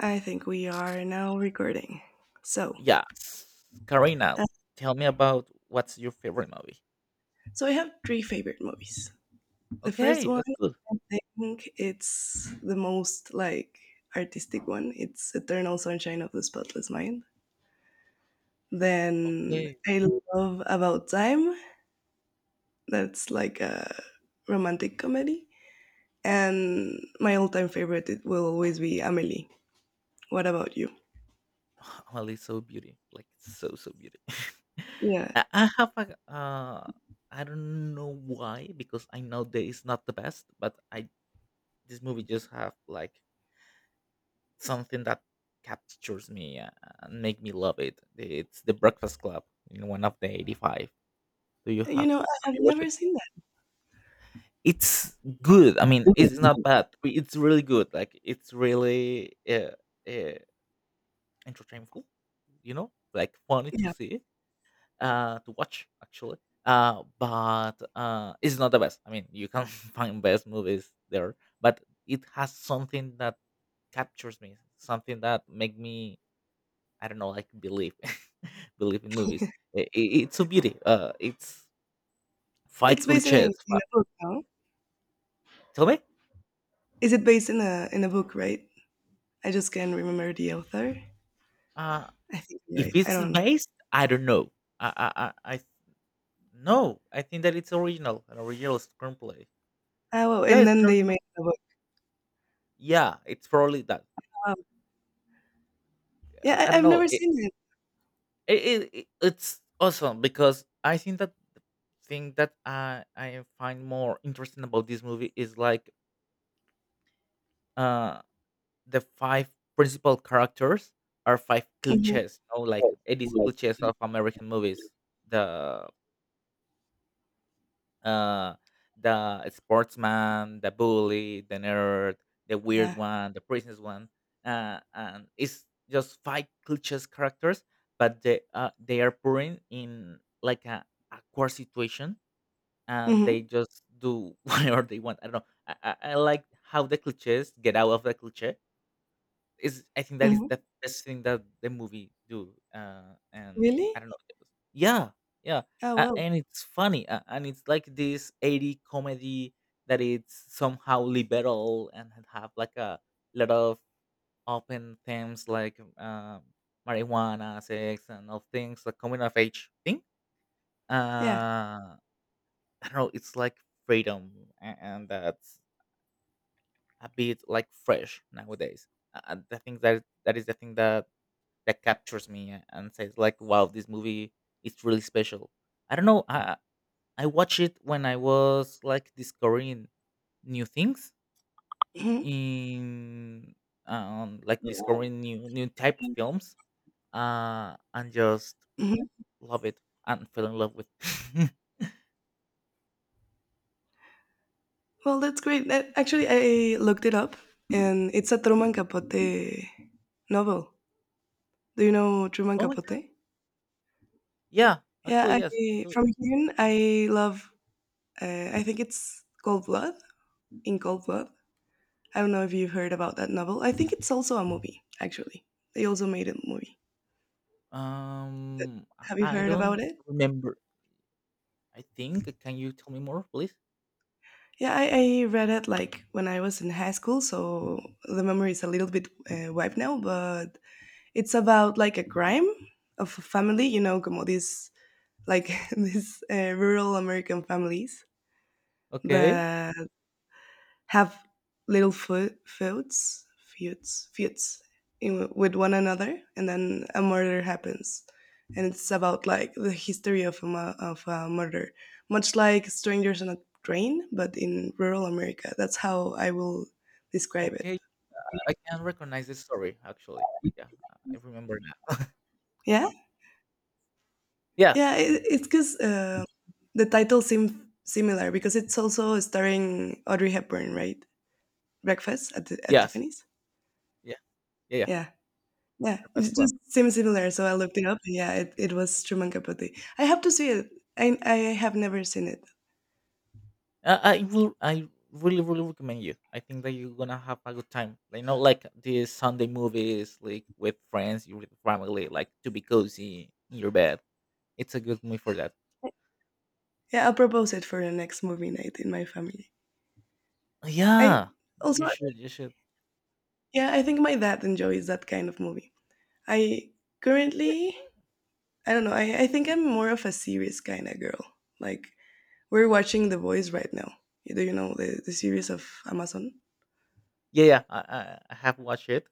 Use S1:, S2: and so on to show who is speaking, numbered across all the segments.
S1: I think we are now recording. So,
S2: Yes. Karina,
S1: uh,
S2: tell me about what's your favorite movie.
S1: so I have three favorite movies. The first
S2: Okay,
S1: one,
S2: that's good.
S1: I think it's the most like artistic one. It's Eternal Sunshine of the Spotless Mind. Then
S2: Okay.
S1: I love About Time. That's like a romantic comedy. And my all-time favorite it will always be Amelie. What about you?
S2: Amelie so beauty. Like so beauty.
S1: Yeah,
S2: I have a uh I don't know why, because I know that it's not the best, but I this movie just have like something that captures me and make me love it. It's the Breakfast Club in one of the eighty five. Do you
S1: you
S2: have
S1: know I
S2: have
S1: have
S2: you watched
S1: never
S2: it?
S1: seen that.
S2: It's good. I mean, it's not bad. It's really good. Like it's really uh, entertainful. You know, like funny to
S1: Yeah,
S2: see, to watch actually. But it's not the best. I mean, you can find best movies there, but it has something that captures me, something that make me, I don't know, like believe, believe in movies. I i- it's a beauty. It's five
S1: it's based in a,
S2: cliches.
S1: in a book. No?
S2: Tell me.
S1: Is it based in a book? Right? I just can't remember the author.
S2: Uh.
S1: I think I'm
S2: If
S1: right. I
S2: it's
S1: don't know.
S2: based, I don't know. I I I No. I think that it's original, an original screenplay.
S1: Oh, well.
S2: Yeah,
S1: And
S2: it's an
S1: then they
S2: original.
S1: made a book.
S2: Yeah, it's probably that.
S1: Wow. Yeah,
S2: I
S1: I,
S2: don't
S1: I've
S2: know.
S1: never seen it.
S2: It, it's awesome because I think that thing that I find more interesting about this movie is like uh the five principal characters are five
S1: Hmm.
S2: cliches. You know, like it is cliches of American movies. The Uh, the sportsman, the bully, the nerd, the weird
S1: Yeah.
S2: one, the princess one, and it's just five cliches characters, but they are putting in like a awkward situation, and
S1: Hmm.
S2: they just do whatever they want. I don't know. I like how the cliches get out of the cliche is I think that is
S1: Hmm.
S2: the best thing that the movie do, and I
S1: Really?
S2: don't know if it was. Yeah, yeah,
S1: Oh,
S2: a
S1: well.
S2: and it's funny, a and it's like this 80 comedy that it's somehow liberal and had have like a lot of open themes like, marijuana, sex, and all things, like coming of age thing.
S1: Yeah.
S2: Uh, I don't know, it's like freedom, a and that's a bit, like, fresh nowadays. I think that is the thing that that captures me and says like, "Wow, this movie is really special." I don't know. I watched it when I was like discovering new things
S1: Hmm.
S2: in like discovering new type of films and just
S1: Hmm.
S2: love it and fell in love with.
S1: Well, that's great. Actually, I looked it up, and it's a Truman Capote novel. Do you know Truman
S2: Oh my god,
S1: Capote?
S2: yeah,
S1: Yeah,
S2: actually yes I
S1: I,
S2: do.
S1: from him, I love. I think it's Cold Blood. In Cold Blood, I don't know if you've heard about that novel. I think it's also a movie. Actually, they also made a movie.
S2: um
S1: Have you
S2: I
S1: heard about
S2: don't
S1: it?
S2: remember. I think can you tell me more please.
S1: Yeah, I read it like when I was in high school, so the memory is a little bit wiped now, but it's about like a crime of a family, como this, like these rural American families
S2: Okay.
S1: that have little foot feuds, with one another, and then a murder happens, and it's about like the history of a murder, much like Strangers on a Train, but in rural America. That's how I will describe
S2: Okay,
S1: it.
S2: I can recognize this story actually. Yeah, I remember now.
S1: Yeah,
S2: Yeah.
S1: yeah, it's because the title seems similar because it's also starring Audrey Hepburn, right? Breakfast at at
S2: Yes.
S1: Tiffany's.
S2: Yeah. Yeah. Yeah.
S1: Yeah. Yeah, it's
S2: Breakfast Club.
S1: just seems similar. So I looked it up. Yeah, it was Truman Capote. I have to see it. I have never seen it.
S2: I will. I really, really recommend you. I think that you're gonna have a good time. Like, not like these Sunday movies, like with friends, you with family, like to be cozy in your bed. It's a good movie for that.
S1: Yeah, I'll propose it for the next movie night in my family. I
S2: Yeah.
S1: also
S2: You should. You should.
S1: Yeah, I think my dad enjoys that kind of movie. I currently I don't know, I think I'm more of a series kind of girl. Like we're watching The Boys right now. Do you know the series of Amazon?
S2: Yeah. Yeah. I have watched it.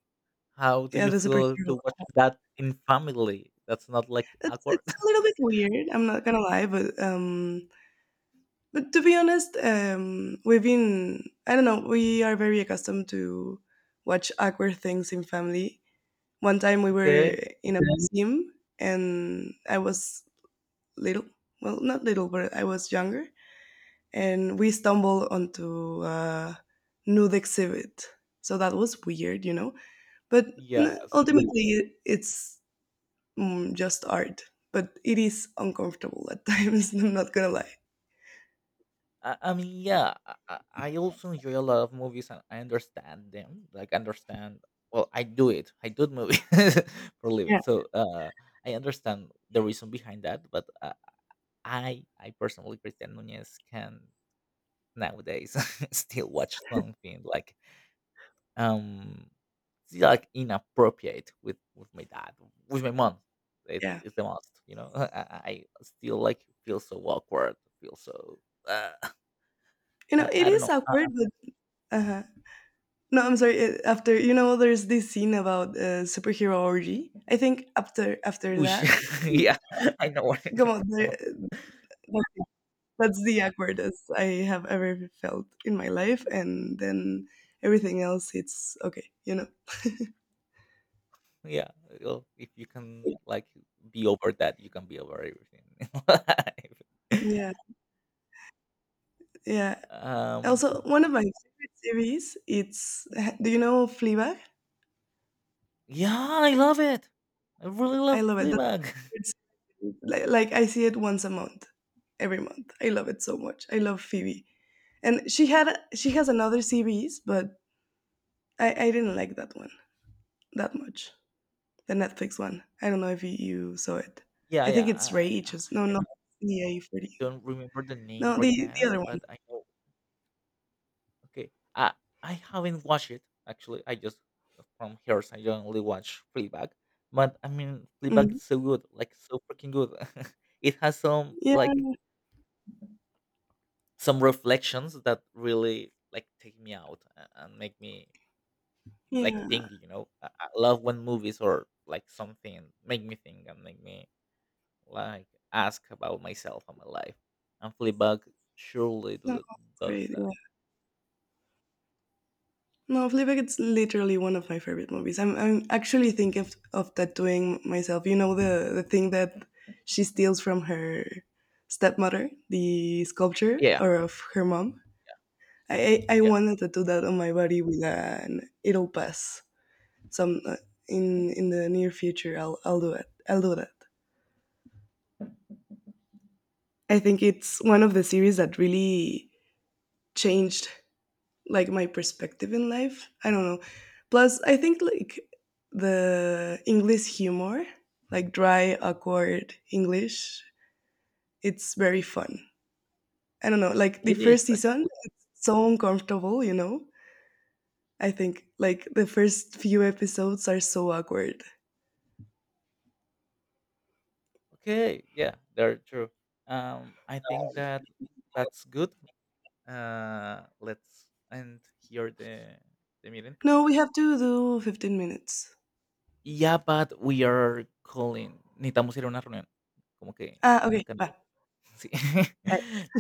S2: How do
S1: Yeah,
S2: you
S1: the
S2: feel
S1: superhero
S2: to watch that in family? That's not like
S1: It's
S2: awkward.
S1: it's a little bit weird. I'm not gonna lie, but to be honest, we've been I don't know. We are very accustomed to watch awkward things in family. One time we
S2: Okay.
S1: were in a, yeah, museum, and I was little. Well, not little, but I was younger, and we stumbled onto a nude exhibit. So that was weird. But
S2: Yes.
S1: ultimately, it's just art, but it is uncomfortable at times. I'm not gonna lie.
S2: I mean, yeah, I also enjoy a lot of movies and I understand them. Like, understand, well, I do it. I do movies for a living.
S1: Yeah.
S2: So I understand the reason behind that. But I personally, Christian Nunez, can nowadays still watch something like, um, it's like inappropriate with my dad, with my mom.
S1: Yeah,
S2: It's the most, you know, I still like feel so awkward, feel so, uh,
S1: you know,
S2: I
S1: it
S2: I don't
S1: is
S2: know.
S1: awkward, but. Uh-huh. No, I'm sorry. After there's this scene about superhero orgy. I think after
S2: We should
S1: that, yeah,
S2: yeah, I know what you're
S1: come
S2: talking
S1: on, there,
S2: about.
S1: that- that's the awkwardest I have ever felt in my life, and then everything else, it's okay.
S2: Yeah, well, if you can like be over that, you can be over everything in life.
S1: Yeah, yeah.
S2: Um,
S1: Also, one of my favorite series. It's do you know Fleabag?
S2: yeah, I love it. I really
S1: I
S2: love
S1: love it. That's
S2: Fleabag.
S1: my favorite series. Like I see it once a month, every month. I love it so much. I love Phoebe, and she has another series, but I didn't like that one that much. The Netflix one. I don't know if you saw it.
S2: Yeah,
S1: I think
S2: yeah.
S1: it's
S2: I,
S1: Rachels. No,
S2: I don't
S1: no, EA 40.
S2: remember the name
S1: No, the
S2: right
S1: the
S2: now,
S1: other one.
S2: but I know. Okay, I haven't watched it actually. I just from hers. I only watch Fleabag, but I mean Fleabag
S1: Mhm.
S2: is so good, like so freaking good. It has some
S1: Yeah,
S2: like some reflections that really like take me out and make me like
S1: yeah.
S2: think. You know I love when movies or like something make me think and make me like ask about myself and my life, and fleabag surely
S1: No,
S2: do,
S1: it's
S2: does that.
S1: great. No, Fleabag, it's literally one of my favorite movies. I'm actually thinking of tattooing myself. You know the thing that she steals from her stepmother, the sculpture,
S2: Yeah.
S1: or of her mom. I
S2: Yeah,
S1: wanted to do that on my body with an it'll pass some in the near future. I'll do it. I'll do that. I think it's one of the series that really changed like my perspective in life. I don't know. Plus, I think like the English humor, like dry, awkward English, it's very fun. I don't know. Like the
S2: it is
S1: first season,
S2: actually.
S1: it's so uncomfortable, you know? I think like the first few episodes are so awkward.
S2: Okay, yeah, they're true. Um, I think that that's good. Uh, let's end here the meeting.
S1: No, we have to do 15 minutes.
S2: Yeah, but we are calling. Necesitamos ir a una reunión, como que
S1: Ah,
S2: en el
S1: okay.
S2: canal.
S1: Bye.
S2: Sí.